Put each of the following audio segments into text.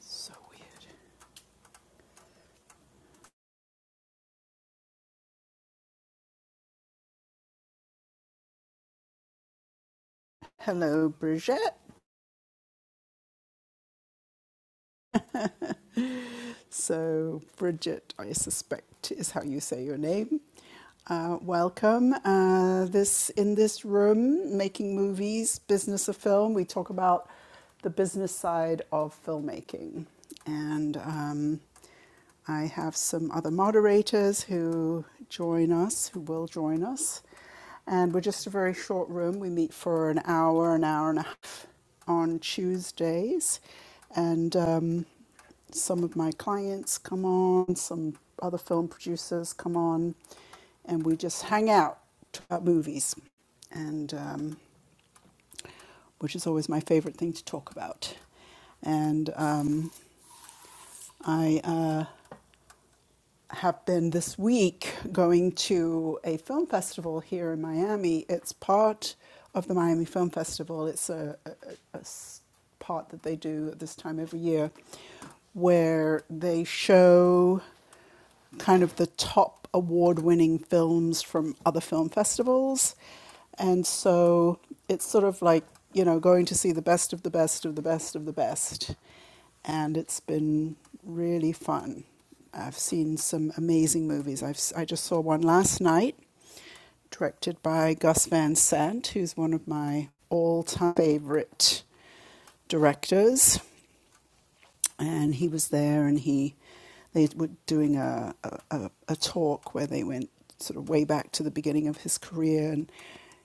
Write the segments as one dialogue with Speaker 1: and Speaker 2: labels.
Speaker 1: So weird. Hello, Bridget. So, Bridget, I suspect, is how you say your name. Uh, welcome. Uh, this in this room, making movies, business of film. We talk about the business side of filmmaking, and um, I have some other moderators who join us, who will join us, and we're just a very short room. We meet for an hour, an hour and a half on Tuesdays, and. Um, some of my clients come on, some other film producers come on, and we just hang out talk about movies, and um, which is always my favorite thing to talk about. And um, I uh, have been this week going to a film festival here in Miami. It's part of the Miami Film Festival. It's a a, a part that they do at this time every year where they show kind of the top award winning films from other film festivals. And so it's sort of like, you know, going to see the best of the best of the best of the best. And it's been really fun. I've seen some amazing movies. I've, s- i have I just saw one last night, directed by Gus Van Sant, who's one of my all time favorite directors, and he was there, and he they were doing a, a a a talk where they went sort of way back to the beginning of his career, and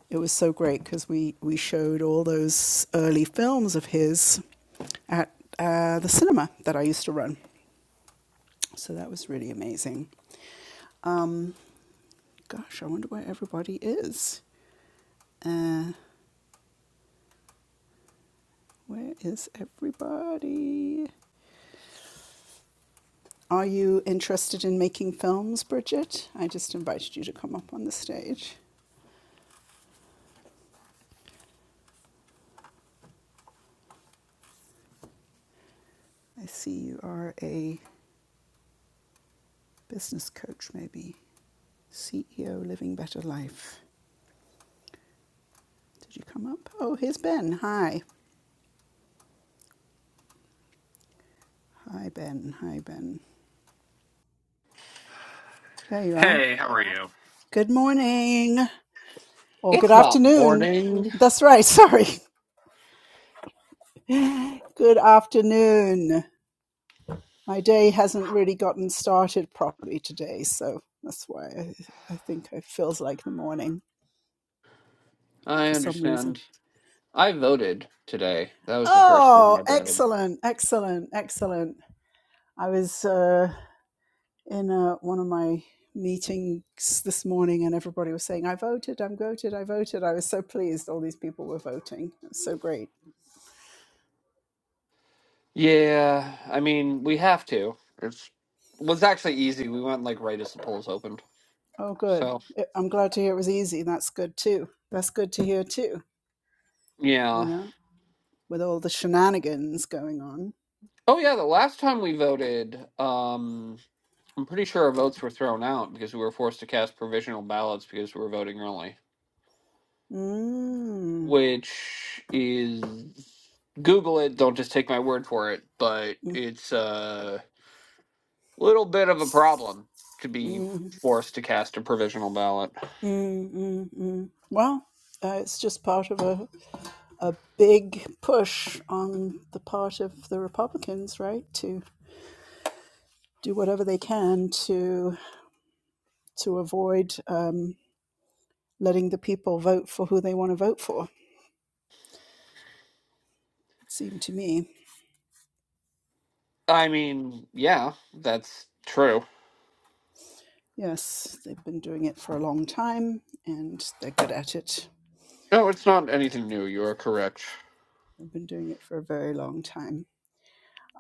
Speaker 1: it was so great because we we showed all those early films of his at uh, the cinema that I used to run, so that was really amazing. Gosh, I wonder where everybody is. Uh, where is everybody? Are you interested in making films, Bridget? I just invited you to come up on the stage. I see you are a business coach, maybe. CEO Living Better Life. Did you come up? Oh, here's Ben. Hi. Hi, Ben. Hi, Ben. There you are.
Speaker 2: Hey, how are you?
Speaker 1: Good morning. Or good
Speaker 2: It's not
Speaker 1: afternoon.
Speaker 2: morning.
Speaker 1: That's right. Sorry. Good afternoon. my day hasn't really gotten started properly today, so that's why I, I think it feels like the morning
Speaker 2: I
Speaker 1: for some reason.
Speaker 2: understand. I voted today. That was the first thing
Speaker 1: Oh,
Speaker 2: I did.
Speaker 1: excellent, excellent, excellent! I was uh, in uh, one of my meetings this morning, and everybody was saying, "I voted, i voted, I voted." I was so pleased; all these people were voting. It was so great.
Speaker 2: Yeah, I mean, we have to. It's was actually easy. We went like right as the polls opened.
Speaker 1: Oh, good.
Speaker 2: So,
Speaker 1: I- I'm glad to hear it was easy. That's good too. That's good to hear too. You
Speaker 2: yeah.
Speaker 1: know, with all the shenanigans going on.
Speaker 2: Oh yeah, the last time we voted, um I'm pretty sure our votes were thrown out because we were forced to cast provisional ballots because we were voting early,
Speaker 1: Mm.
Speaker 2: which is Google it, don't just take my word for it, but
Speaker 1: Mm,
Speaker 2: it's uh Little bit of a problem to be
Speaker 1: mm,
Speaker 2: forced to cast a provisional ballot.
Speaker 1: mm, mm, mm. Well, uh, it's just part of a, a big push on the part of the Republicans, right, to do whatever they can to to avoid um, letting the people vote for who they want to vote for. It seemed to me,
Speaker 2: I mean, yeah, that's true.
Speaker 1: yes, they've been doing it for a long time, and they're good at it.
Speaker 2: No, it's not anything new. You are correct.
Speaker 1: They've been doing it for a very long time.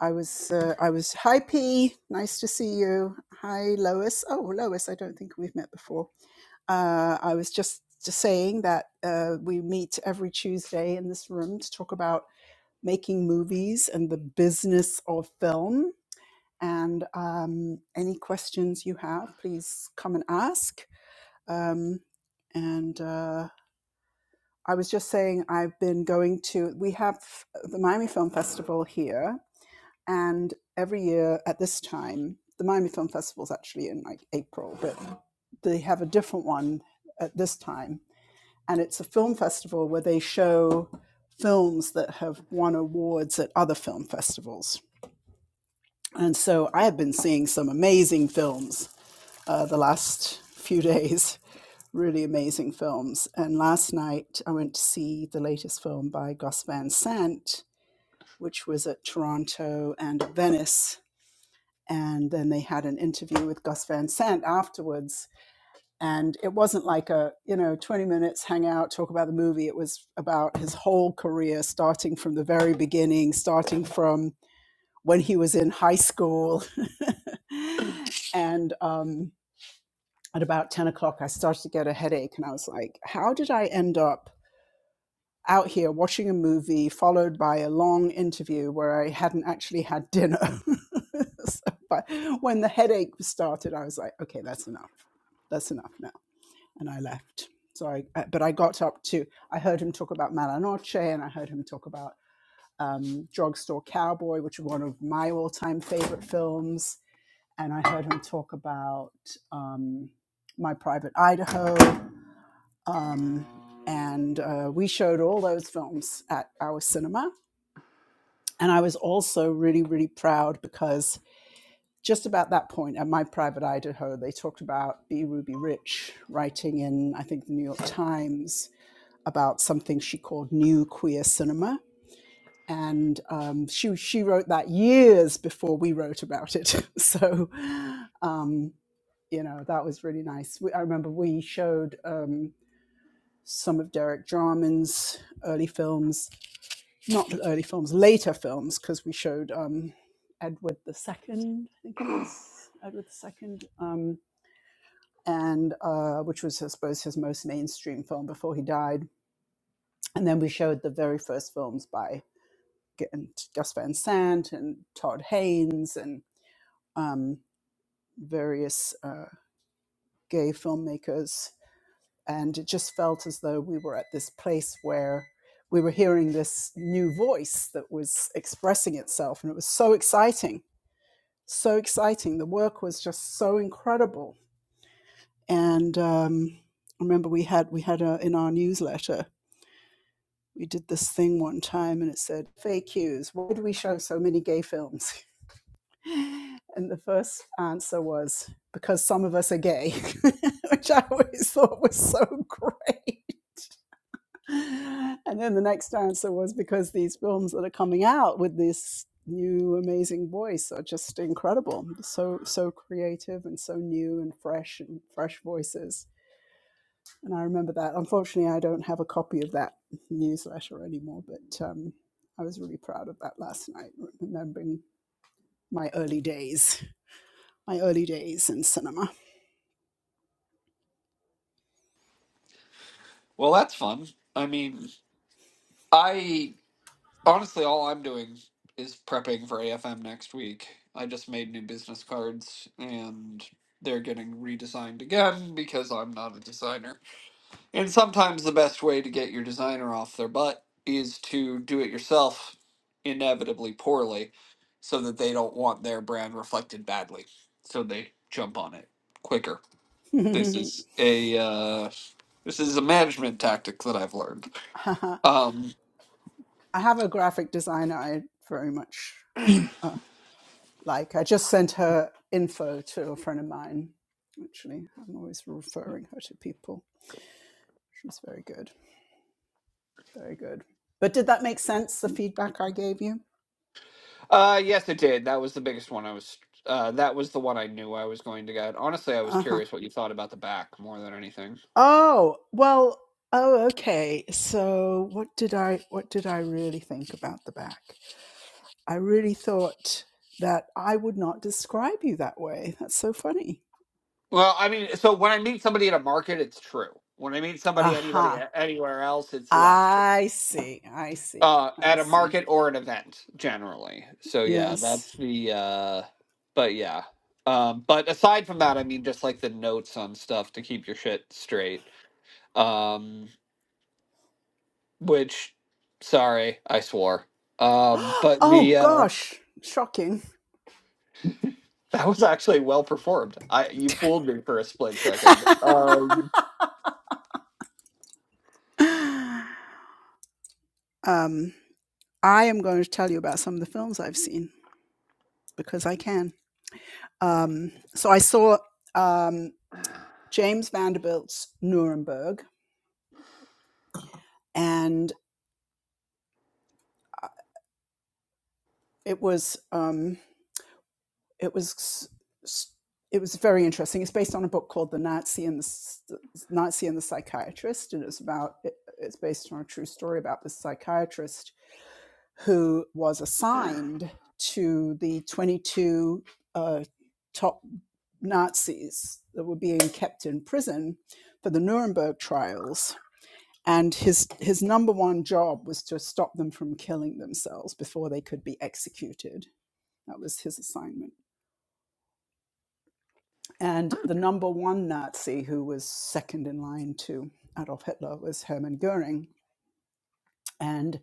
Speaker 1: I was uh, I was hi P, nice to see you. Hi Lois. Oh Lois, I don't think we've met before. Uh, I was just, just saying that uh, we meet every Tuesday in this room to talk about making movies and the business of film. And um, any questions you have, please come and ask. Um, and uh, I was just saying, I've been going to, we have the Miami Film Festival here, and every year at this time, the Miami Film Festival is actually in like April, but they have a different one at this time and it's a film festival where they show films that have won awards at other film festivals. And so I have been seeing some amazing films uh, the last few days, really amazing films. And last night I went to see the latest film by Gus Van Sant, which was at Toronto and Venice. And then they had an interview with Gus Van Sant afterwards and it wasn't like a you know 20 minutes hang out talk about the movie it was about his whole career starting from the very beginning starting from when he was in high school and um, at about 10 o'clock i started to get a headache and i was like how did i end up out here watching a movie followed by a long interview where i hadn't actually had dinner so, but when the headache started i was like okay that's enough that's enough now." and I left. So I, uh, but I got up to, I heard him talk about Malanoche and I heard him talk about um, Drugstore Cowboy, which is one of my all time favorite films. And I heard him talk about um, My Private Idaho. Um, and uh, we showed all those films at our cinema. And I was also really, really proud because just about that point at my private Idaho, they talked about B. Ruby Rich writing in, I think, the New York Times about something she called New Queer Cinema. And um, she, she wrote that years before we wrote about it. so, um, you know, that was really nice. We, I remember we showed um, some of Derek Jarman's early films, not early films, later films, because we showed um, Edward the Second, I think it is, Edward II, um, and uh, which was, I suppose, his most mainstream film before he died. And then we showed the very first films by and Gus Van Sant and Todd Haynes and um, various uh, gay filmmakers. And it just felt as though we were at this place where we were hearing this new voice that was expressing itself. And it was so exciting, so exciting. The work was just so incredible. And um, I remember we had, we had a, in our newsletter, we did this thing one time and it said, FAQs, why do we show so many gay films? And the first answer was because some of us are gay, which I always thought was so great. And then the next answer was because these films that are coming out with this new amazing voice are just incredible. So so creative and so new and fresh and fresh voices. And I remember that. Unfortunately, I don't have a copy of that newsletter anymore, but um, I was really proud of that last night, remembering my early days. my early days in cinema.
Speaker 2: Well, that's fun. I mean, I honestly, all I'm doing is prepping for AFM next week. I just made new business cards and they're getting redesigned again because I'm not a designer. And sometimes the best way to get your designer off their butt is to do it yourself inevitably poorly so that they don't want their brand reflected badly. So they jump on it quicker. This is a uh, this is a management tactic that I've learned.
Speaker 1: I
Speaker 2: Um,
Speaker 1: have a graphic designer I very much uh, like. I just sent her info to a friend of mine, actually. I'm always referring her to people. She's very good, very good. But did that make sense, the feedback I gave you?
Speaker 2: uh, yes, it did. That was the biggest one. I was uh, that was the one I knew I was going to get. Honestly, I was
Speaker 1: Uh huh.
Speaker 2: curious what you thought about the back more than anything.
Speaker 1: Oh, well, oh, okay. So what did I, what did I really think about the back? I really thought that I would not describe you that way. That's so funny
Speaker 2: Well, I mean, so when I meet somebody at a market, it's true. When I meet somebody anybody
Speaker 1: Aha.
Speaker 2: anywhere else, it's less true.
Speaker 1: I see. I see.
Speaker 2: Uh,
Speaker 1: I
Speaker 2: at a market
Speaker 1: see.
Speaker 2: or an event, generally. So yeah,
Speaker 1: Yes.
Speaker 2: that's the. Uh, but yeah, um, but aside from that, I mean, just like the notes on stuff to keep your shit straight. Um, which, sorry, I swore. Um, but
Speaker 1: Oh
Speaker 2: the uh,
Speaker 1: gosh. Shocking.
Speaker 2: that was actually well performed. I you fooled me for a split second. Um,
Speaker 1: um I am going to tell you about some of the films I've seen because I can. Um so I saw um James Vanderbilt's Nuremberg and uh, it was um. it was it was very interesting. It's based on a book called The Nazi and the Nazi and the Psychiatrist, and it's about it- it's based on a true story about this psychiatrist who was assigned to the 22 uh, top Nazis that were being kept in prison for the Nuremberg trials. And his his number one job was to stop them from killing themselves before they could be executed. That was his assignment And the number one Nazi who was second in line to Adolf Hitler was Hermann Goering. And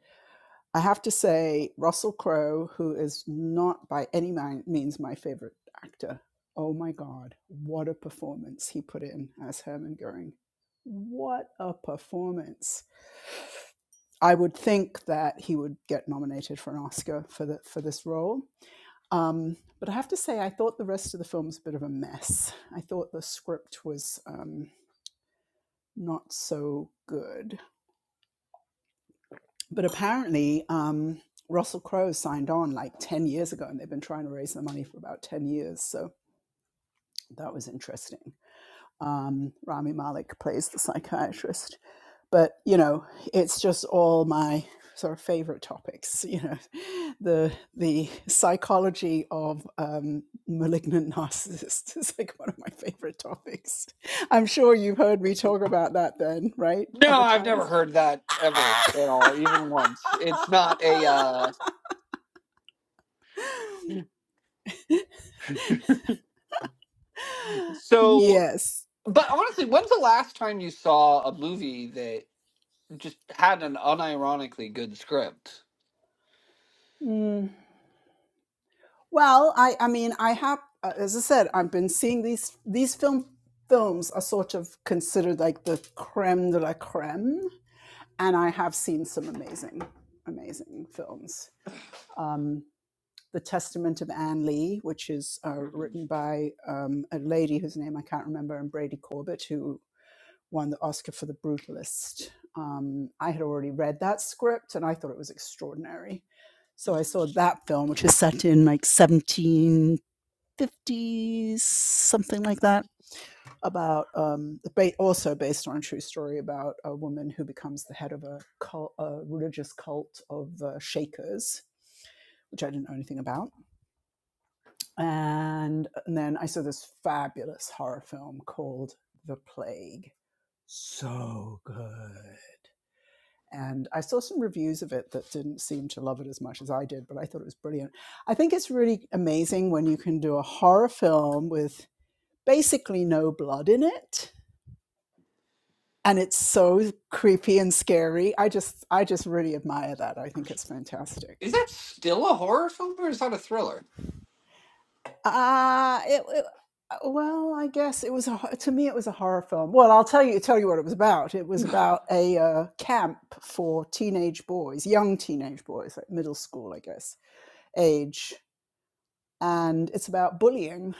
Speaker 1: I have to say, Russell Crowe, who is not by any means my favorite actor, oh my God, what a performance he put in as Hermann Goering. What a performance. I would think that he would get nominated for an Oscar for, the, for this role. Um, but I have to say, I thought the rest of the film was a bit of a mess. I thought the script was. Um, not so good. But apparently, um, Russell Crowe signed on like 10 years ago, and they've been trying to raise the money for about 10 years. So that was interesting. Um, Rami Malek plays the psychiatrist. But, you know, it's just all my sort of favorite topics, you know, the the psychology of um, malignant narcissists is like one of my favorite topics. I'm sure you've heard me talk about that then, right?
Speaker 2: No,
Speaker 1: Other
Speaker 2: I've
Speaker 1: times.
Speaker 2: never heard that ever at all, even once. It's not a uh so
Speaker 1: yes.
Speaker 2: but honestly, when's the last time you saw a movie that just had an unironically good script?
Speaker 1: Mm. Well, I I mean I have uh, as I said I've been seeing these these film films are sort of considered like the creme de la creme, and I have seen some amazing amazing films. Um, the Testament of Anne Lee, which is uh,
Speaker 2: Mhm.
Speaker 1: written by um, a lady whose name I can't remember, and Brady Corbett, who won the Oscar for The Brutalist. Um, I had already read that script and I thought it was extraordinary. So I saw that film, which is set in like 1750s, something like that, about um, also based on a true story about a woman who becomes the head of a, cult, a religious cult of uh, Shakers, which I didn't know anything about. And, and then I saw this fabulous horror film called The Plague. So good And I saw some reviews of it that didn't seem to love it as much as I did, but I thought it was brilliant. I think it's really amazing when you can do a horror film with basically no blood in it and it's so creepy and scary. I just I just really admire that. I think it's fantastic.
Speaker 2: Is that still a horror film or is that a thriller?
Speaker 1: Uh it, it- well, I guess it was a, to me it was a horror film. Well, I'll tell you tell you what it was about. It was about a uh, camp for teenage boys, young teenage boys, like middle school, I guess, age and it's about bullying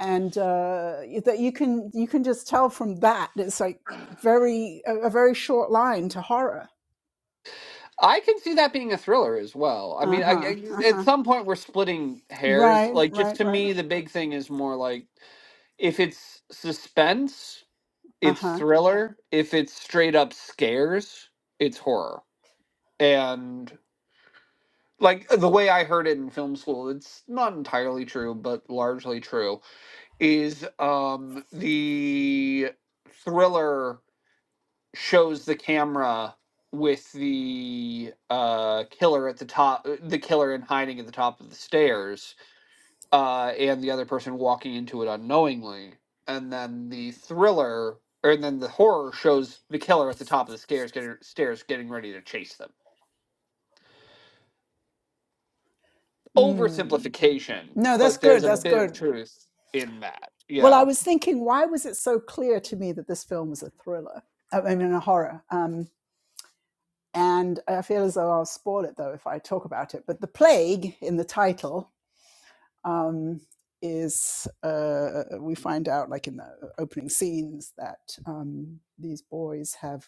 Speaker 1: and uh, that you can you can just tell from that it's like very a, a very short line to horror
Speaker 2: I can see that being a thriller as well. I mean, I,
Speaker 1: uh-huh
Speaker 2: I- at
Speaker 1: uh-huh
Speaker 2: some point we're splitting hairs.
Speaker 1: right
Speaker 2: Like, just
Speaker 1: right
Speaker 2: to
Speaker 1: right
Speaker 2: me, the big thing is more like if it's suspense, it's
Speaker 1: uh-huh
Speaker 2: thriller. If it's straight up scares, it's horror. and like the way I heard it in film school, it's not entirely true, but largely true, is um the thriller shows the camera with the uh killer at the top uh, the killer in hiding at the top of the stairs uh and the other person walking into it unknowingly and then the thriller or and then the horror shows the killer at the top of the stairs getting stairs getting ready to chase them
Speaker 1: mm.
Speaker 2: oversimplification,
Speaker 1: no that's
Speaker 2: but there's
Speaker 1: good
Speaker 2: a
Speaker 1: that's
Speaker 2: bit of
Speaker 1: good
Speaker 2: truth in that.
Speaker 1: well i
Speaker 2: Yeah.
Speaker 1: was thinking why was it so clear to me that this film was a thriller i I mean a horror um and i feel as though i'll spoil it though if i talk about it but the plague in the title um, is uh, we find out, like in the opening scenes, that um, these boys have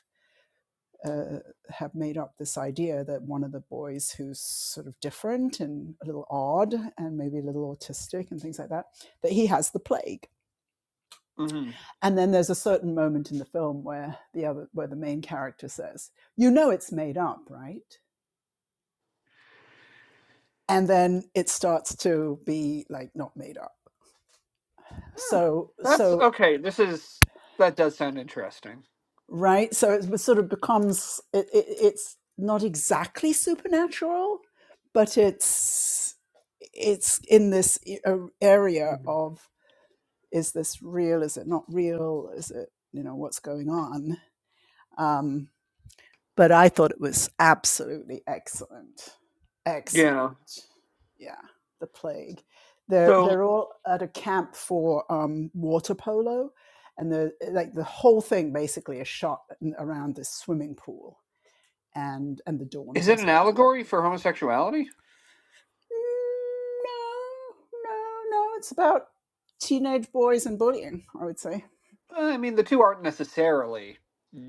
Speaker 1: uh, have made up this idea that one of the boys who's sort of different and a little odd and maybe a little autistic and things like that, that he has the plague.
Speaker 2: hmm
Speaker 1: And then there's a certain moment in the film where the other, where the main character says, "You know, it's made up, right?" And then it starts to be like not made up. So,
Speaker 2: That's
Speaker 1: so
Speaker 2: okay. This is that does sound interesting.
Speaker 1: right? So it sort of becomes it, it, it's not exactly supernatural, but it's it's in this e- area of is this real? Is it not real? Is it you know what's going on? Um, but I thought it was absolutely excellent.
Speaker 2: Yeah.
Speaker 1: Excellent. Yeah, the plague. They're
Speaker 2: So,
Speaker 1: they're all at a camp for um, water polo, and the like the whole thing basically is shot around this swimming pool and and the
Speaker 2: is
Speaker 1: dorms, I
Speaker 2: it an
Speaker 1: suppose. Were
Speaker 2: allegory for homosexuality?
Speaker 1: "Mm, no, no, no. It's about teenage boys and bullying. I would say
Speaker 2: Uh, I mean, the two aren't necessarily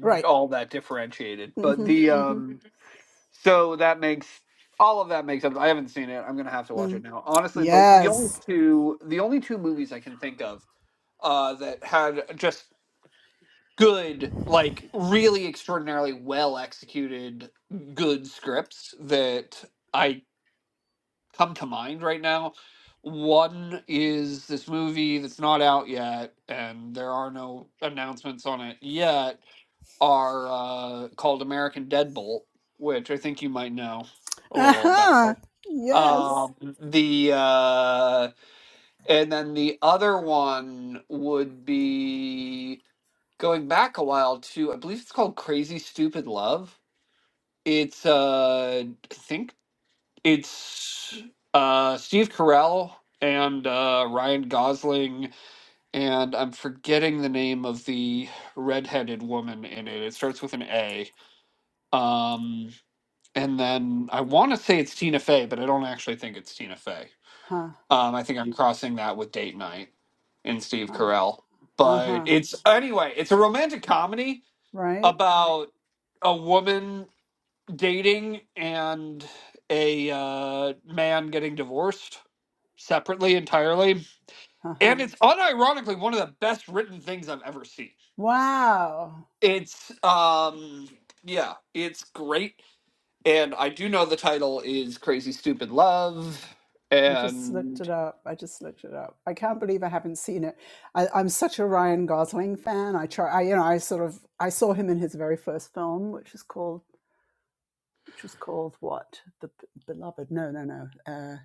Speaker 1: right.
Speaker 2: all that differentiated, but
Speaker 1: Mm-hmm.
Speaker 2: the
Speaker 1: Mm-hmm.
Speaker 2: um so that makes all of that makes up. I haven't seen it. I'm gonna have to watch it
Speaker 1: Mm.
Speaker 2: now. Honestly, the the only
Speaker 1: Yes.
Speaker 2: two the only two movies I can think of uh that had just good, like really extraordinarily well executed, good scripts that I come to mind right now. One is this movie that's not out yet, and there are no announcements on it yet, are uh, called American Deadbolt, which I think you might know a
Speaker 1: Uh
Speaker 2: little about.
Speaker 1: huh. Yes.
Speaker 2: Um, the uh, and then the other one would be going back a while to I believe it's called Crazy Stupid Love. It's uh I think it's uh Steve Carell and uh Ryan Gosling and I'm forgetting the name of the redheaded woman in it. It starts with an A. Um and then I want to say it's Tina Fey, but I don't actually think it's Tina Fey.
Speaker 1: Huh.
Speaker 2: Um I think I'm crossing that with Date Night and Steve
Speaker 1: Huh.
Speaker 2: Carell. But
Speaker 1: Uh-huh.
Speaker 2: it's anyway, it's a romantic comedy
Speaker 1: Right?
Speaker 2: about a woman dating and a uh, man getting divorced separately entirely
Speaker 1: Uh-huh.
Speaker 2: and it's unironically one of the best written things i've ever seen
Speaker 1: Wow.
Speaker 2: it's um yeah it's great and i do know the title is crazy stupid love
Speaker 1: I just looked
Speaker 2: and
Speaker 1: it up. I just looked it up. I can't believe I haven't seen it. I, I'm such a Ryan Gosling fan. I try I you know, I sort of I saw him in his very first film, which is called which was called what? The P- Beloved. No, no, no. Uh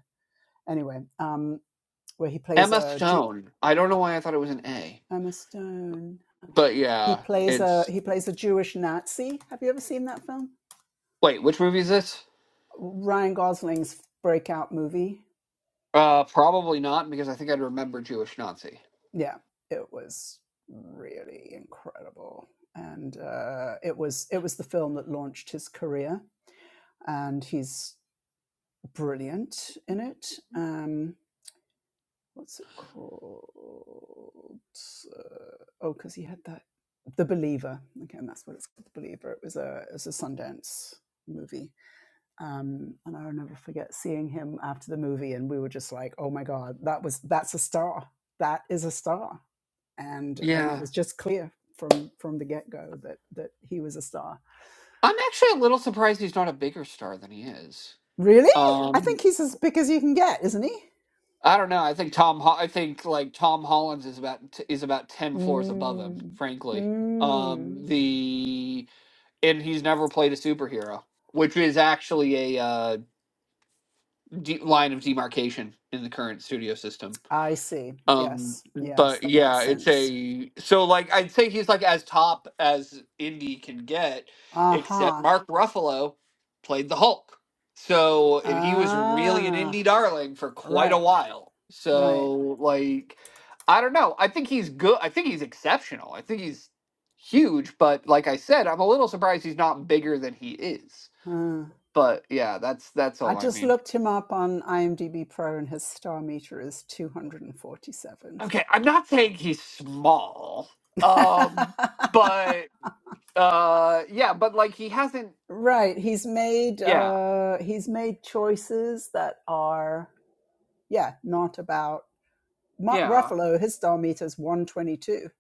Speaker 1: anyway, um where he plays
Speaker 2: emma
Speaker 1: a Ju-
Speaker 2: stone i don't know why i thought it was an a
Speaker 1: Emma Stone.
Speaker 2: but
Speaker 1: He
Speaker 2: yeah
Speaker 1: plays a
Speaker 2: it's
Speaker 1: he plays a Jewish Nazi. Have you ever seen that film?
Speaker 2: wait which movie is this
Speaker 1: Ryan Gosling's breakout movie.
Speaker 2: uh probably not because i think i'd remember jewish nazi
Speaker 1: yeah, it was really incredible, and uh, it was it was the film that launched his career, and he's brilliant in it. Um, what's it called? Uh, oh, because he had that The Believer. Again, that's what it's called, The Believer. It was a it was a Sundance movie, um, and I'll never forget seeing him after the movie, and we were just like, oh my god, that was that's a star. That is a star and and it
Speaker 2: yeah
Speaker 1: was just clear from from the get go that that he was a star.
Speaker 2: I'm actually a little surprised he's not a bigger star than he is.
Speaker 1: Really, I
Speaker 2: Um,
Speaker 1: think he's as big as you can get, isn't he?
Speaker 2: I don't know. I think Tom. Ho- I think like Tom Hollins is about t- is about ten floors above him.
Speaker 1: Mm,
Speaker 2: Frankly,
Speaker 1: mm.
Speaker 2: um, the and he's never played a superhero, which is actually a uh, de- line of demarcation in the current studio system.
Speaker 1: I see.
Speaker 2: Um,
Speaker 1: Yes, yes,
Speaker 2: but
Speaker 1: that makes
Speaker 2: yeah, it's
Speaker 1: sense.
Speaker 2: a so like I'd say he's like as top as Indy can get, except
Speaker 1: Aha.
Speaker 2: Mark Ruffalo played the Hulk. So and he was really an
Speaker 1: Ah.
Speaker 2: Indy darling for quite a
Speaker 1: Right.
Speaker 2: while.
Speaker 1: Right.
Speaker 2: So like I don't know. I think he's good. I think he's exceptional. I think he's huge, but like I said, I'm a little surprised he's not bigger than he is.
Speaker 1: Huh.
Speaker 2: But yeah, that's that's
Speaker 1: I
Speaker 2: all I
Speaker 1: just
Speaker 2: mean.
Speaker 1: looked him up on IMDb Pro, and his star meter is two hundred and forty-seven.
Speaker 2: Okay, I'm not saying he's small. Um but Uh, yeah, but like he hasn't.
Speaker 1: Right. He's made
Speaker 2: Yeah,
Speaker 1: uh he's made choices that are yeah, not about Mark
Speaker 2: yeah,
Speaker 1: Ruffalo, his star meter is 122.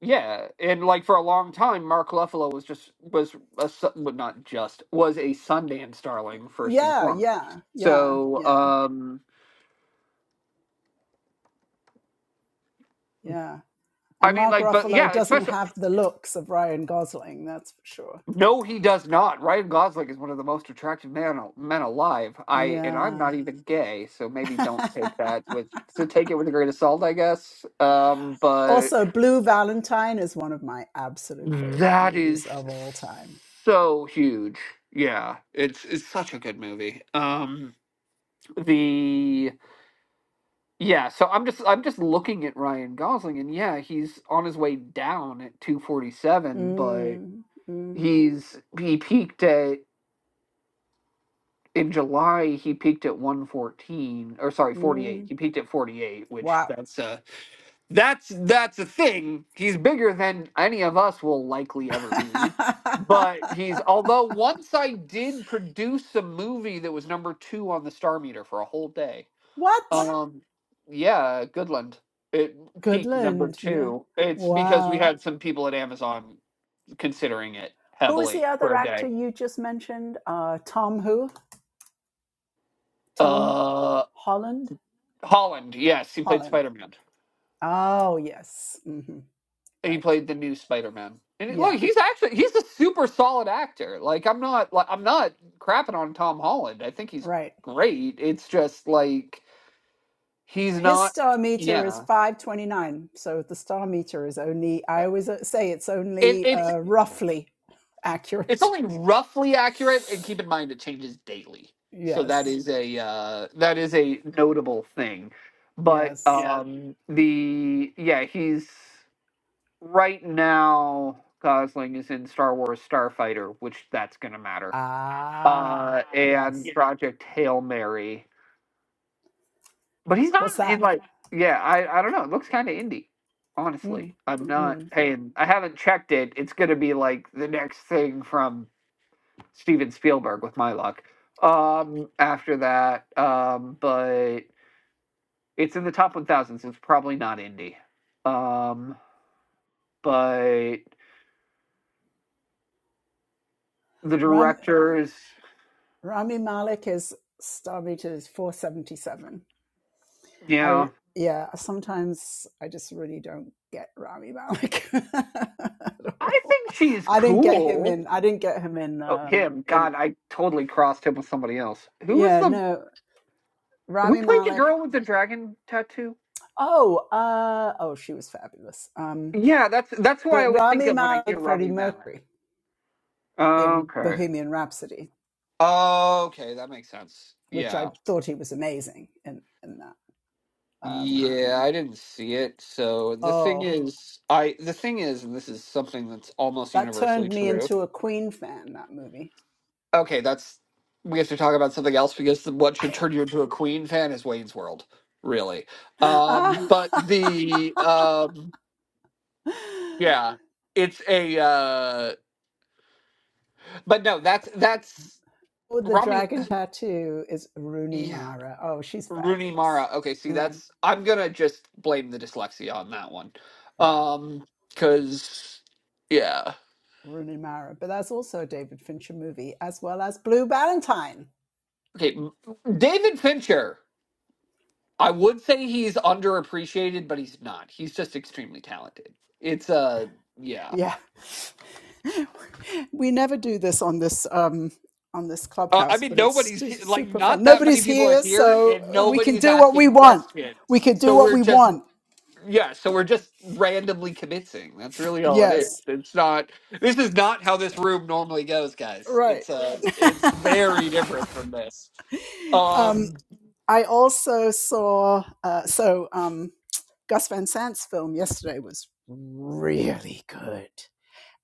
Speaker 2: yeah, and like for a long time, Mark Ruffalo was just was a Su- well, not just was a Sundance darling first and
Speaker 1: Yeah,
Speaker 2: foremost.
Speaker 1: yeah, yeah,
Speaker 2: So,
Speaker 1: yeah,
Speaker 2: um,
Speaker 1: yeah.
Speaker 2: I
Speaker 1: And
Speaker 2: mean,
Speaker 1: Mark
Speaker 2: like, but
Speaker 1: Ruffalo
Speaker 2: yeah,
Speaker 1: doesn't
Speaker 2: especially
Speaker 1: have the looks of Ryan Gosling, that's for sure.
Speaker 2: no, he does not. Ryan Gosling is one of the most attractive men men alive. I and I'm
Speaker 1: Yeah.
Speaker 2: not even gay, so maybe don't take that with so take it with a grain of salt, I guess. Um, but
Speaker 1: also, Blue Valentine is one of my absolute favorite
Speaker 2: That is
Speaker 1: movies of all time.
Speaker 2: so huge. Yeah, it's it's such a good movie. Um the yeah, so I'm just I'm just looking at Ryan Gosling and yeah, he's on his way down at 247, but
Speaker 1: Mm, mm,
Speaker 2: he's he peaked at in July he peaked at 114 or sorry, 48.
Speaker 1: mm.
Speaker 2: He peaked at 48, which
Speaker 1: Wow.
Speaker 2: that's a that's that's a thing. He's bigger than any of us will likely ever be. But he's although once I did produce a movie that was number two on the star meter for a whole day.
Speaker 1: What?
Speaker 2: Um yeah, Goodland. It peaked number
Speaker 1: Goodland, yeah.
Speaker 2: two. It's because we
Speaker 1: Wow.
Speaker 2: had some people at Amazon considering it
Speaker 1: Who is
Speaker 2: heavily
Speaker 1: the
Speaker 2: for
Speaker 1: other
Speaker 2: a day.
Speaker 1: actor you just mentioned? Uh, Tom who? Tom
Speaker 2: Uh
Speaker 1: Holland?
Speaker 2: Holland, yes, he played
Speaker 1: Holland.
Speaker 2: Spider Man.
Speaker 1: Oh, yes. hmm
Speaker 2: he
Speaker 1: Right.
Speaker 2: played the new Spider-Man. And look,
Speaker 1: Yeah,
Speaker 2: he's actually he's a super solid actor. Like I'm not like I'm not crapping on Tom Holland. I think he's
Speaker 1: right.
Speaker 2: great. It's just like he's
Speaker 1: His
Speaker 2: not
Speaker 1: star meter is
Speaker 2: yeah.
Speaker 1: 529. So the star meter is only,
Speaker 2: Uh,
Speaker 1: I always uh, say it's
Speaker 2: It
Speaker 1: only
Speaker 2: it's
Speaker 1: uh, roughly
Speaker 2: it's
Speaker 1: accurate.
Speaker 2: only roughly accurate and keep in mind it changes daily. So that
Speaker 1: Yes,
Speaker 2: is a uh that is a notable thing. But
Speaker 1: yes.
Speaker 2: Yeah. um the yeah, he's right now Gosling is in Star Wars Starfighter, which that's going to matter
Speaker 1: Ah,
Speaker 2: uh, and
Speaker 1: yes.
Speaker 2: Yeah. Project Hail Mary. But he's
Speaker 1: What's
Speaker 2: not in
Speaker 1: that?
Speaker 2: like yeah, I I don't know. It looks kind of indie.
Speaker 1: Mm,
Speaker 2: Honestly, I'm not
Speaker 1: mm.
Speaker 2: paying. I haven't checked it. It's gonna be like the next thing from Steven Spielberg with my luck. Um, after that, um, but it's in the top 1,000, so it's probably not indie. Um, but the
Speaker 1: Ram,
Speaker 2: directors,
Speaker 1: Rami Malek is Starbait is 477. I
Speaker 2: yeah,
Speaker 1: yeah, sometimes I just really don't get Rami Malek at
Speaker 2: I
Speaker 1: all.
Speaker 2: think she's
Speaker 1: I didn't get him
Speaker 2: cool.
Speaker 1: in I didn't get him in
Speaker 2: Oh,
Speaker 1: um
Speaker 2: him.
Speaker 1: in
Speaker 2: God, I totally crossed him with somebody else. Who was
Speaker 1: yeah,
Speaker 2: the
Speaker 1: no.
Speaker 2: who
Speaker 1: Rami
Speaker 2: played the
Speaker 1: Malek.
Speaker 2: girl with the dragon tattoo?
Speaker 1: Oh, uh oh, she was fabulous. Um
Speaker 2: Yeah, that's that's who I
Speaker 1: but
Speaker 2: always think
Speaker 1: Rami
Speaker 2: of when I hear
Speaker 1: Malek Freddie
Speaker 2: Rami Malek.
Speaker 1: Mercury in
Speaker 2: Okay.
Speaker 1: Bohemian Rhapsody,
Speaker 2: Okay, that makes sense.
Speaker 1: which
Speaker 2: Yeah.
Speaker 1: I thought he was amazing in in that. Um
Speaker 2: Yeah, I didn't see it. So the thing
Speaker 1: oh,
Speaker 2: is I the thing is, and this is something that's almost
Speaker 1: that
Speaker 2: universally
Speaker 1: turned me
Speaker 2: true.
Speaker 1: into a Queen fan that movie
Speaker 2: Okay, that's we have to talk about something else because the, what should turn you into a Queen fan is Wayne's World, really.
Speaker 1: uh,
Speaker 2: Um, but the um Yeah. It's a uh but no, that's that's
Speaker 1: With the
Speaker 2: Rami
Speaker 1: dragon tattoo is Rooney
Speaker 2: yeah.
Speaker 1: Mara. Oh, she's
Speaker 2: Rooney Mara.
Speaker 1: fabulous.
Speaker 2: Okay, see
Speaker 1: Mm,
Speaker 2: that's I'm gonna just blame the dyslexia on that one.
Speaker 1: yeah,
Speaker 2: Um cuz yeah.
Speaker 1: Rooney Mara. But that's also a David Fincher movie, as well as Blue Valentine.
Speaker 2: Okay, m- David Fincher. I would say he's underappreciated, but he's not. He's just extremely talented. It's uh yeah.
Speaker 1: Yeah. we never do this on this um, on this
Speaker 2: Uh, I
Speaker 1: clubhouse,
Speaker 2: mean,
Speaker 1: but it's
Speaker 2: nobody's like
Speaker 1: super fun.
Speaker 2: not that many
Speaker 1: Nobody's
Speaker 2: people are
Speaker 1: here,
Speaker 2: here,
Speaker 1: so
Speaker 2: and
Speaker 1: we can
Speaker 2: nobody's
Speaker 1: do what we
Speaker 2: asking
Speaker 1: want.
Speaker 2: questions.
Speaker 1: We can do
Speaker 2: So
Speaker 1: what
Speaker 2: we're
Speaker 1: we
Speaker 2: just
Speaker 1: want.
Speaker 2: Yeah, so we're just randomly convincing. That's really all it is.
Speaker 1: Yes.
Speaker 2: It's not this is not how this room normally goes, guys.
Speaker 1: Right.
Speaker 2: It's uh it's very different from this.
Speaker 1: Um,
Speaker 2: Um
Speaker 1: I also saw uh, so um, Gus Van Sant's film yesterday was really good,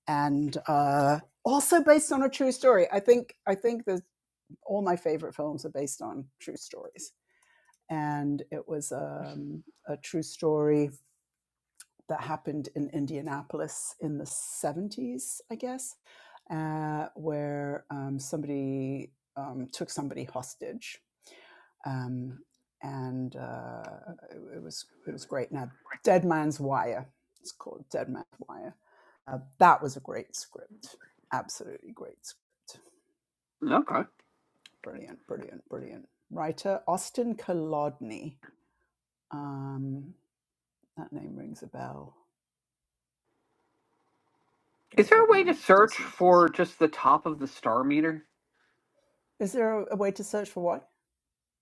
Speaker 1: and uh, also based on a true story. I think I think that all my favorite films are based on true stories, and it was um, a true story that happened in Indianapolis in the seventies, I guess, uh, where um, somebody um, took somebody hostage um, and uh, it, it was it was great. Now, Dead Man's Wire, it's called Dead Man's Wire. Uh, that was a great script, absolutely great script.
Speaker 2: Okay.
Speaker 1: Brilliant, brilliant, brilliant writer Austin Kolodny. Um, that name rings a bell, but I
Speaker 2: Is there
Speaker 1: don't
Speaker 2: a way to
Speaker 1: remember.
Speaker 2: search
Speaker 1: Does he?
Speaker 2: for just the top of the star meter?
Speaker 1: Is there a, a way to search for what?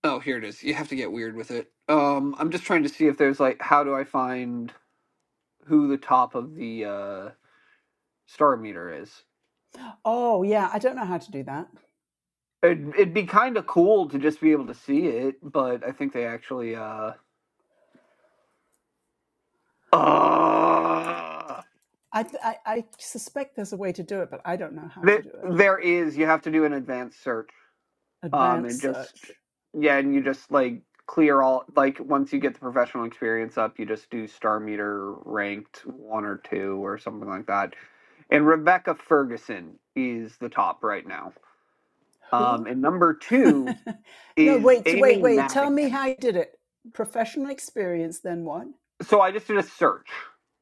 Speaker 2: Oh, here it is. You have to get weird with it. Um I'm just trying to see if there's like how do I find who the top of the uh star meter is.
Speaker 1: Oh yeah, I don't know how to do that.
Speaker 2: It'd, it'd be kind of cool to just be able to see it, but I think they actually uh Uh,
Speaker 1: I, I I suspect there's a way to do it, but I don't know how to
Speaker 2: th-
Speaker 1: do it.
Speaker 2: there is. You have to do an advanced search. Um, and
Speaker 1: Advanced
Speaker 2: just
Speaker 1: search.
Speaker 2: yeah, and you just like clear all like once you get the professional experience up, you just do star meter ranked one or two or something like that. And Rebecca Ferguson is the top right now. Um,
Speaker 1: Who
Speaker 2: and number two
Speaker 1: no,
Speaker 2: is
Speaker 1: wait, so wait,
Speaker 2: Amy
Speaker 1: wait. Tell me
Speaker 2: Madigan.
Speaker 1: how you did it. Professional experience, then what?
Speaker 2: So I just did a search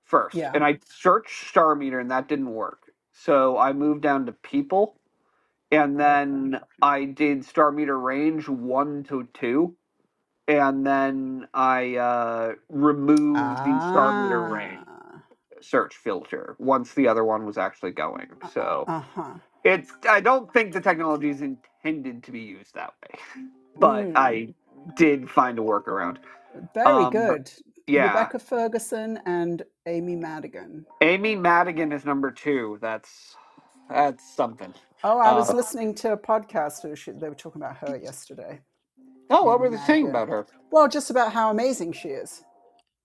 Speaker 2: first,
Speaker 1: Yeah.
Speaker 2: and I searched star meter, and that didn't work. So I moved down to people and
Speaker 1: Okay.
Speaker 2: then I did Star Meter Range one to two, and then I uh, removed the Star Meter Range
Speaker 1: Ah.
Speaker 2: search filter once the other one was actually going. So
Speaker 1: Uh huh.
Speaker 2: it's I don't think the technology is intended to be used that way, but
Speaker 1: Mm.
Speaker 2: I did find a workaround.
Speaker 1: Very
Speaker 2: Um, but
Speaker 1: good.
Speaker 2: yeah,
Speaker 1: Rebecca Ferguson and Amy Madigan.
Speaker 2: Amy Madigan is number two. That's that's something.
Speaker 1: Oh, I
Speaker 2: Uh,
Speaker 1: was listening to a podcast where she, they were talking about her yesterday,
Speaker 2: oh, what
Speaker 1: Amy
Speaker 2: were they saying
Speaker 1: Madigan.
Speaker 2: about her?
Speaker 1: Well, just about how amazing she is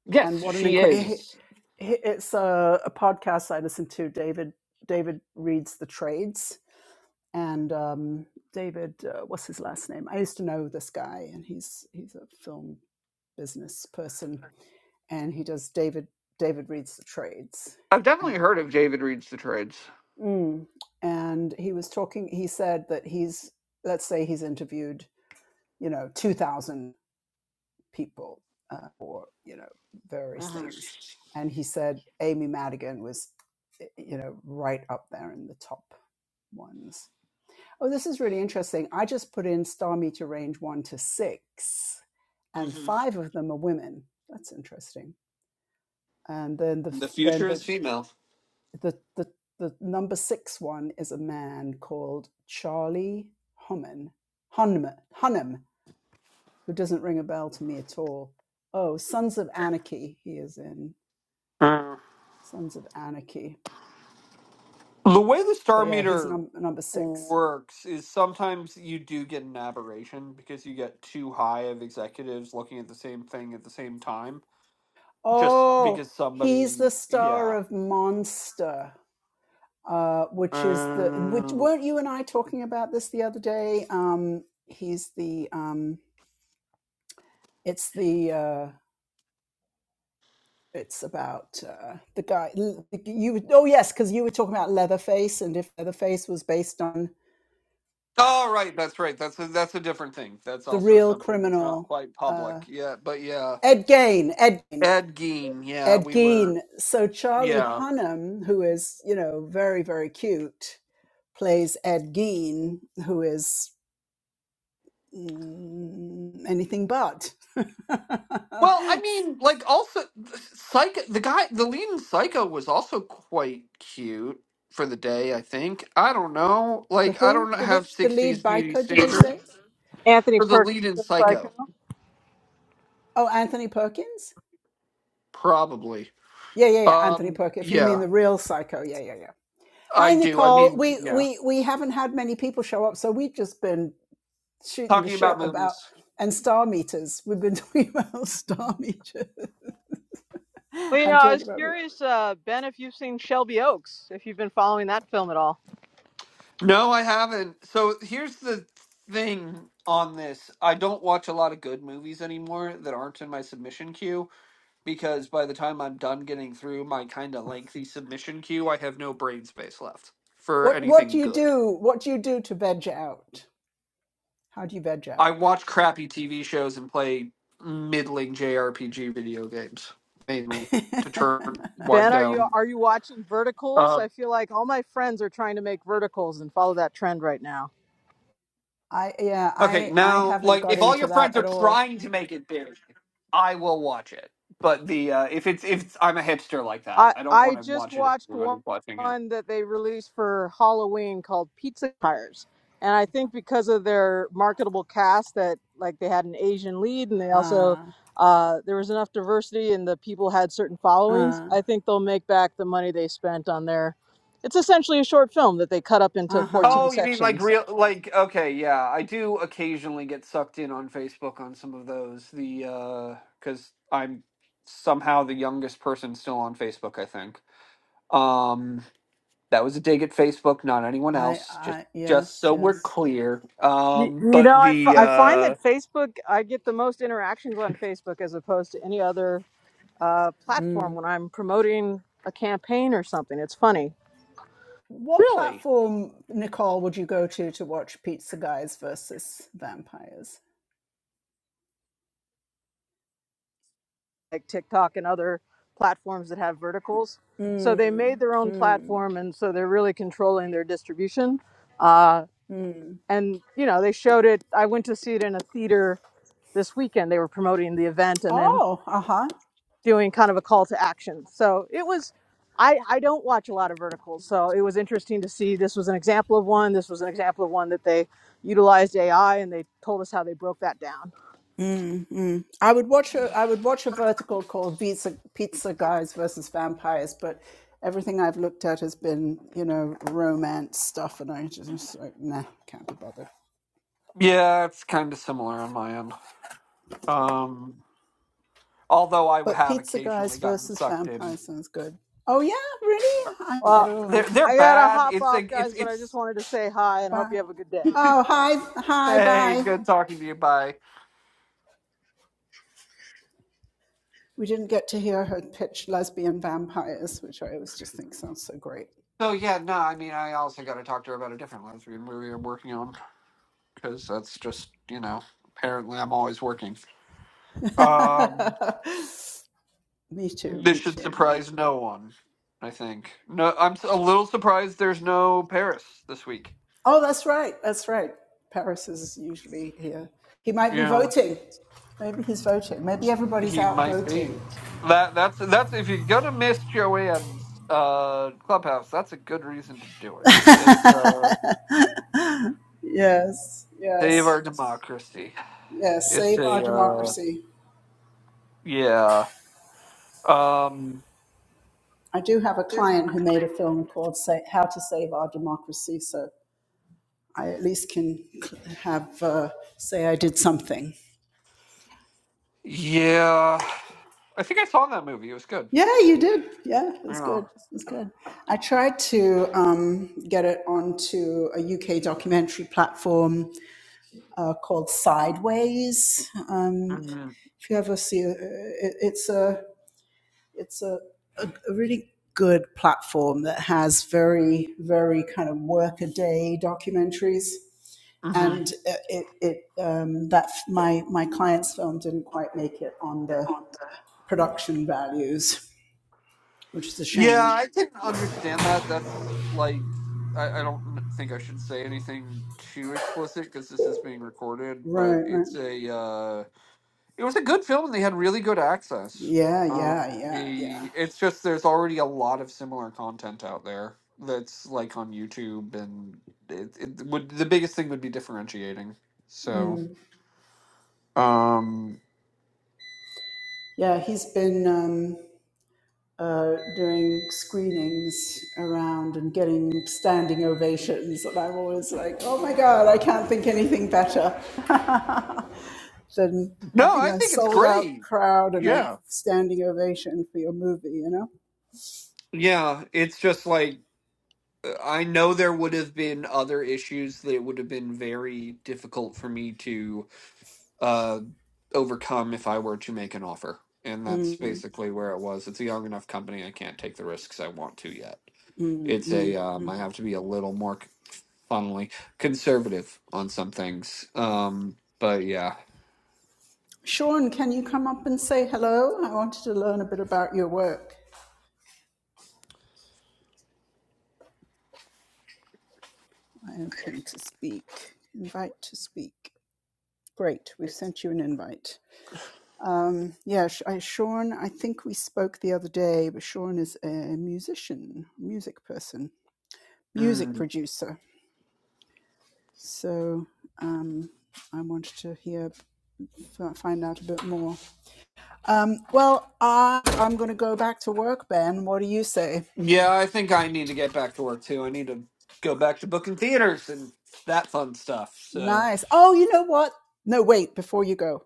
Speaker 2: Yes,
Speaker 1: and what an
Speaker 2: she
Speaker 1: incredible.
Speaker 2: is.
Speaker 1: It's a, a podcast I listen to. David David reads the trades and um, David, uh, what's his last name? I used to know this guy, and he's he's a film business person, and he does David David reads the trades,
Speaker 2: I've definitely
Speaker 1: uh,
Speaker 2: heard of David Reads the Trades.
Speaker 1: mm, and he was talking. He said that he's let's say he's interviewed you know two thousand people uh, or you know various
Speaker 2: hmm
Speaker 1: things, and he said Amy Madigan was you know right up there in the top ones Oh, this is really interesting. I just put in star meter range one to six, and
Speaker 2: hmm
Speaker 1: five of them are women. That's interesting. And then the
Speaker 2: The
Speaker 1: then
Speaker 2: future
Speaker 1: the
Speaker 2: is female.
Speaker 1: the the, the number six one is a man called Charlie Hunnam Hunnam Hunnam, who doesn't ring a bell to me at all. Oh, Sons of Anarchy. He is in
Speaker 2: Uh,
Speaker 1: Sons of Anarchy.
Speaker 2: The way the star
Speaker 1: But yeah, he's
Speaker 2: meter
Speaker 1: num- number six.
Speaker 2: works is sometimes you do get an aberration because you get too high of executives looking at the same thing at the same time. Just
Speaker 1: Oh,
Speaker 2: because
Speaker 1: he's
Speaker 2: somebody,
Speaker 1: the star
Speaker 2: yeah.
Speaker 1: of Monster. uh, which is the which
Speaker 2: Oh,
Speaker 1: weren't you and I talking about this the other day? Um, he's the um, it's the uh, it's about uh, the guy you oh yes because you were talking about Leatherface and if Leatherface was based on
Speaker 2: oh
Speaker 1: oh,
Speaker 2: right, that's right. That's a, that's a different thing. That's
Speaker 1: the
Speaker 2: also
Speaker 1: real
Speaker 2: something that's not
Speaker 1: criminal
Speaker 2: quite
Speaker 1: uh,
Speaker 2: public. Yeah, but yeah,
Speaker 1: Ed Gein, Ed Gein,
Speaker 2: Ed Gein. Yeah,
Speaker 1: Ed
Speaker 2: we were.
Speaker 1: Gein. So Charlie
Speaker 2: Yeah.
Speaker 1: Hunnam, who is you know very very cute, plays Ed Gein, who is mm, anything but
Speaker 2: Well, I mean, like also Psycho the guy the lead in Psycho was also quite cute for the day, I think. I don't know.
Speaker 1: the
Speaker 2: Like I
Speaker 1: who
Speaker 2: don't
Speaker 1: the
Speaker 2: have
Speaker 1: which the lead
Speaker 2: 60s beauty
Speaker 1: biker did you say
Speaker 2: standards
Speaker 3: Anthony
Speaker 2: for the
Speaker 3: Perkins.
Speaker 2: lead in
Speaker 3: of Psycho.
Speaker 2: Psycho,
Speaker 1: oh anthony perkins
Speaker 2: probably.
Speaker 1: yeah yeah yeah anthony
Speaker 2: Um
Speaker 1: perkins if you mean
Speaker 2: yeah,
Speaker 1: the real psycho yeah yeah yeah hi
Speaker 2: I do. I
Speaker 1: nicole
Speaker 2: mean,
Speaker 1: we
Speaker 2: yeah.
Speaker 1: we we haven't had many people show up so we've just been shooting the
Speaker 2: Talking about
Speaker 1: shit about
Speaker 2: movies.
Speaker 1: and star meters we've been talking about star meters
Speaker 3: Well, you know,
Speaker 1: and
Speaker 3: I
Speaker 1: talking
Speaker 3: was
Speaker 1: about
Speaker 3: curious, uh, Ben, if you've seen Shelby Oaks, if you've been following that film at all.
Speaker 2: No, I haven't. So here's the thing on this. I don't watch a lot of good movies anymore that aren't in my submission queue. because by the time I'm done getting through my kind of lengthy submission queue, I have no brain space left for
Speaker 1: what what do
Speaker 2: anything
Speaker 1: you
Speaker 2: good.
Speaker 1: do what do you do to veg out how do you veg
Speaker 2: I
Speaker 1: out
Speaker 2: watch crappy TV shows and play middling JRPG video games mainly to turn wind
Speaker 3: Ben, are you
Speaker 2: down.
Speaker 3: are you watching Verticals?
Speaker 2: Uh,
Speaker 3: I feel like all my friends are trying to make Verticals and follow that trend right now.
Speaker 1: I yeah,
Speaker 2: okay,
Speaker 1: I I
Speaker 2: now
Speaker 1: haven't
Speaker 2: like
Speaker 1: got
Speaker 2: if all your
Speaker 1: into that
Speaker 2: friends are
Speaker 1: at all.
Speaker 2: trying to make it big, I will watch it. But the uh, if it's if it's, I'm a hipster like that,
Speaker 3: I
Speaker 2: I don't
Speaker 3: I
Speaker 2: want to
Speaker 3: just
Speaker 2: watch it if
Speaker 3: watched one,
Speaker 2: everybody's watching it.
Speaker 3: one that they released for Halloween called Pizza Tires, and I think because of their marketable cast, that like they had an Asian lead, and they also
Speaker 1: Uh
Speaker 3: uh, there was enough diversity, and the people had certain followings.
Speaker 1: uh
Speaker 3: I think they'll make back the money they spent on their. It's essentially a short film that they cut up into
Speaker 1: uh-huh.
Speaker 3: 14
Speaker 2: Oh, you mean like
Speaker 3: sections.
Speaker 2: real like okay, yeah. I do occasionally get sucked in on Facebook on some of those. The uh cuz I'm somehow the youngest person still on Facebook, I think. Um that was a dig at Facebook, not anyone
Speaker 1: I
Speaker 2: else. Just
Speaker 1: I
Speaker 2: just
Speaker 1: yes,
Speaker 2: so we're
Speaker 1: yes.
Speaker 2: clear.
Speaker 3: You,
Speaker 2: Um
Speaker 3: you
Speaker 2: but
Speaker 3: know, I, f-
Speaker 2: the
Speaker 3: I
Speaker 1: N-
Speaker 3: find that
Speaker 2: uh
Speaker 3: Facebook, I get the most interactions on Facebook as opposed to any other uh, platform
Speaker 1: mm.
Speaker 3: when I'm promoting a campaign or something. It's funny,
Speaker 1: What
Speaker 2: really
Speaker 1: platform, Nicole, would you go to to watch Pizza Guys versus Vampires?
Speaker 3: like TikTok and other platforms that have verticals. So they made
Speaker 1: Mm,
Speaker 3: their own
Speaker 1: mm,
Speaker 3: platform, and so they're really controlling their distribution. Uh,
Speaker 1: mm.
Speaker 3: and you know, they showed it. I went to see it in a theater this weekend. They were promoting the event and then
Speaker 1: Oh, uh-huh.
Speaker 3: doing kind of a call to action. So it was. I, I don't watch a lot of verticals, so it was interesting to see. This was an example of one. This was an example of one that they utilized AI, and they told us how they broke that down.
Speaker 1: Mm, mm. I would watch a I would watch a vertical called Pizza Pizza Guys versus Vampires, but everything I've looked at has been you know romance stuff, and I just like nah, can't be bothered.
Speaker 2: yeah, it's kind of similar on my end. Um although I
Speaker 1: But
Speaker 2: have
Speaker 1: Pizza Guys
Speaker 2: occasionally gotten
Speaker 1: versus
Speaker 2: sucked in.
Speaker 1: Vampires sounds good. Oh yeah, really? I at
Speaker 3: Well,
Speaker 1: all.
Speaker 2: They're they're
Speaker 3: I gotta
Speaker 2: bad.
Speaker 3: hop
Speaker 2: It's
Speaker 3: off,
Speaker 2: like it's
Speaker 3: guys, but I just
Speaker 2: it's
Speaker 3: wanted to say hi and hope
Speaker 1: Bye.
Speaker 3: you have a good day.
Speaker 1: Oh hi hi
Speaker 2: hey,
Speaker 1: bye.
Speaker 2: good talking to you. Bye.
Speaker 1: We didn't get to hear her pitch lesbian vampires, which I always just think sounds so great.
Speaker 2: So yeah, no, I mean, I also got to talk to her about a different lesbian movie I'm working on because that's just you know, apparently I'm always working. Um,
Speaker 1: me too,
Speaker 2: this
Speaker 1: me
Speaker 2: should
Speaker 1: too.
Speaker 2: surprise no one. I think. No, I'm s- a little surprised there's no Paris this week.
Speaker 1: Oh, that's right. That's right. Paris is usually here. He might be
Speaker 2: Yeah,
Speaker 1: voting. Maybe he's voting. Maybe everybody's
Speaker 2: he
Speaker 1: out
Speaker 2: might be.
Speaker 1: voting.
Speaker 2: That that's that's if you're gonna miss Joanne's uh clubhouse, that's a good reason to do it. It's uh
Speaker 1: Yes,
Speaker 2: save
Speaker 1: yes,
Speaker 2: our democracy.
Speaker 1: yes.
Speaker 2: It's
Speaker 1: Save our
Speaker 2: a uh
Speaker 1: democracy.
Speaker 2: yeah. Um
Speaker 1: I do have a client who made a film called Sa How to Save Our Democracy, so I at least can cl- have uh, say I did something.
Speaker 2: Yeah, I think I saw that movie. It was good.
Speaker 1: Yeah, you did. Yeah, it was
Speaker 2: Yeah.
Speaker 1: good. It was good. I tried to um, get it onto a UK documentary platform uh, called Sideways. Um,
Speaker 2: hmm
Speaker 1: if you ever see, uh, it, it's a it's a, a, really good platform that has very very kind of workaday documentaries.
Speaker 2: hmm
Speaker 1: And uh, it, it um, that my my client's film didn't quite make it on the production values, which is a
Speaker 2: Yeah,
Speaker 1: shame.
Speaker 2: I can understand that. That's like I, I don't think I should say anything too explicit because this is being recorded. But
Speaker 1: Right, right.
Speaker 2: it's a uh, it was a good film and they had really good access.
Speaker 1: Yeah,
Speaker 2: Um,
Speaker 1: yeah, yeah, yeah.
Speaker 2: the it's just there's already a lot of similar content out there that's like on YouTube and it, it would the biggest thing would be differentiating. So. Um,
Speaker 1: Yeah, he's been um, uh, doing screenings around and getting standing ovations, and I'm always like, oh my god, I can't think anything better than
Speaker 2: no,
Speaker 1: having
Speaker 2: I
Speaker 1: a
Speaker 2: think it's
Speaker 1: sold out
Speaker 2: great.
Speaker 1: crowd and a
Speaker 2: Yeah.
Speaker 1: standing ovation for your movie, you know.
Speaker 2: Yeah, it's just like uh, I know there would have been other issues that it would have been very difficult for me to uh overcome if I were to make an offer. And that's
Speaker 1: Mm,
Speaker 2: basically where it was. It's a young enough company. I can't take the risks I want to yet.
Speaker 1: mm,
Speaker 2: It's
Speaker 1: mm.
Speaker 2: a um, I have to be a little more funnily conservative on some things. Um, but yeah.
Speaker 1: Sean, can you come up and say hello? I wanted to learn a bit about your work. I am him to speak. Invite to speak. Great, we've sent you an invite. Um, yeah, I, Sean, I think we spoke the other day, but Sean is a musician, music person, music producer. So um, I wanted to hear, find out a bit more. Um, well, I, I'm going to go back to work, Ben. What do you say?
Speaker 2: Yeah, I think I need to get back to work too. I need to go back to booking theaters and that fun stuff. So,
Speaker 1: Nice. Oh, you know what? No, wait, before you go.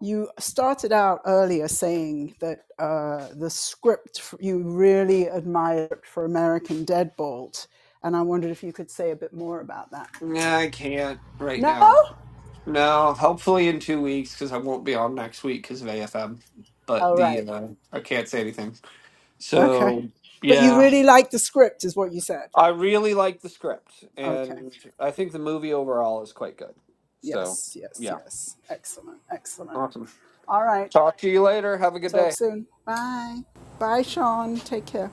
Speaker 1: you started out earlier saying that uh, the script you really admired for American Deadbolt, and I wondered if you could say a bit more about that.
Speaker 2: yeah, I can't right
Speaker 1: No?
Speaker 2: now. No, hopefully in two weeks because I won't be on next week because of AFM. But
Speaker 1: All
Speaker 2: the
Speaker 1: right.
Speaker 2: uh, I can't say anything.
Speaker 1: Okay.
Speaker 2: So,
Speaker 1: But you
Speaker 2: yeah,
Speaker 1: really liked the script, is what you said.
Speaker 2: I really like the script,
Speaker 1: Okay.
Speaker 2: and I think the movie overall is quite good. So,
Speaker 1: Yes, yes,
Speaker 2: yeah,
Speaker 1: yes. Excellent, excellent.
Speaker 2: awesome.
Speaker 1: All right.
Speaker 2: Talk to you later. Have a good day.
Speaker 1: Talk soon. Bye. Bye, Sean. Take care.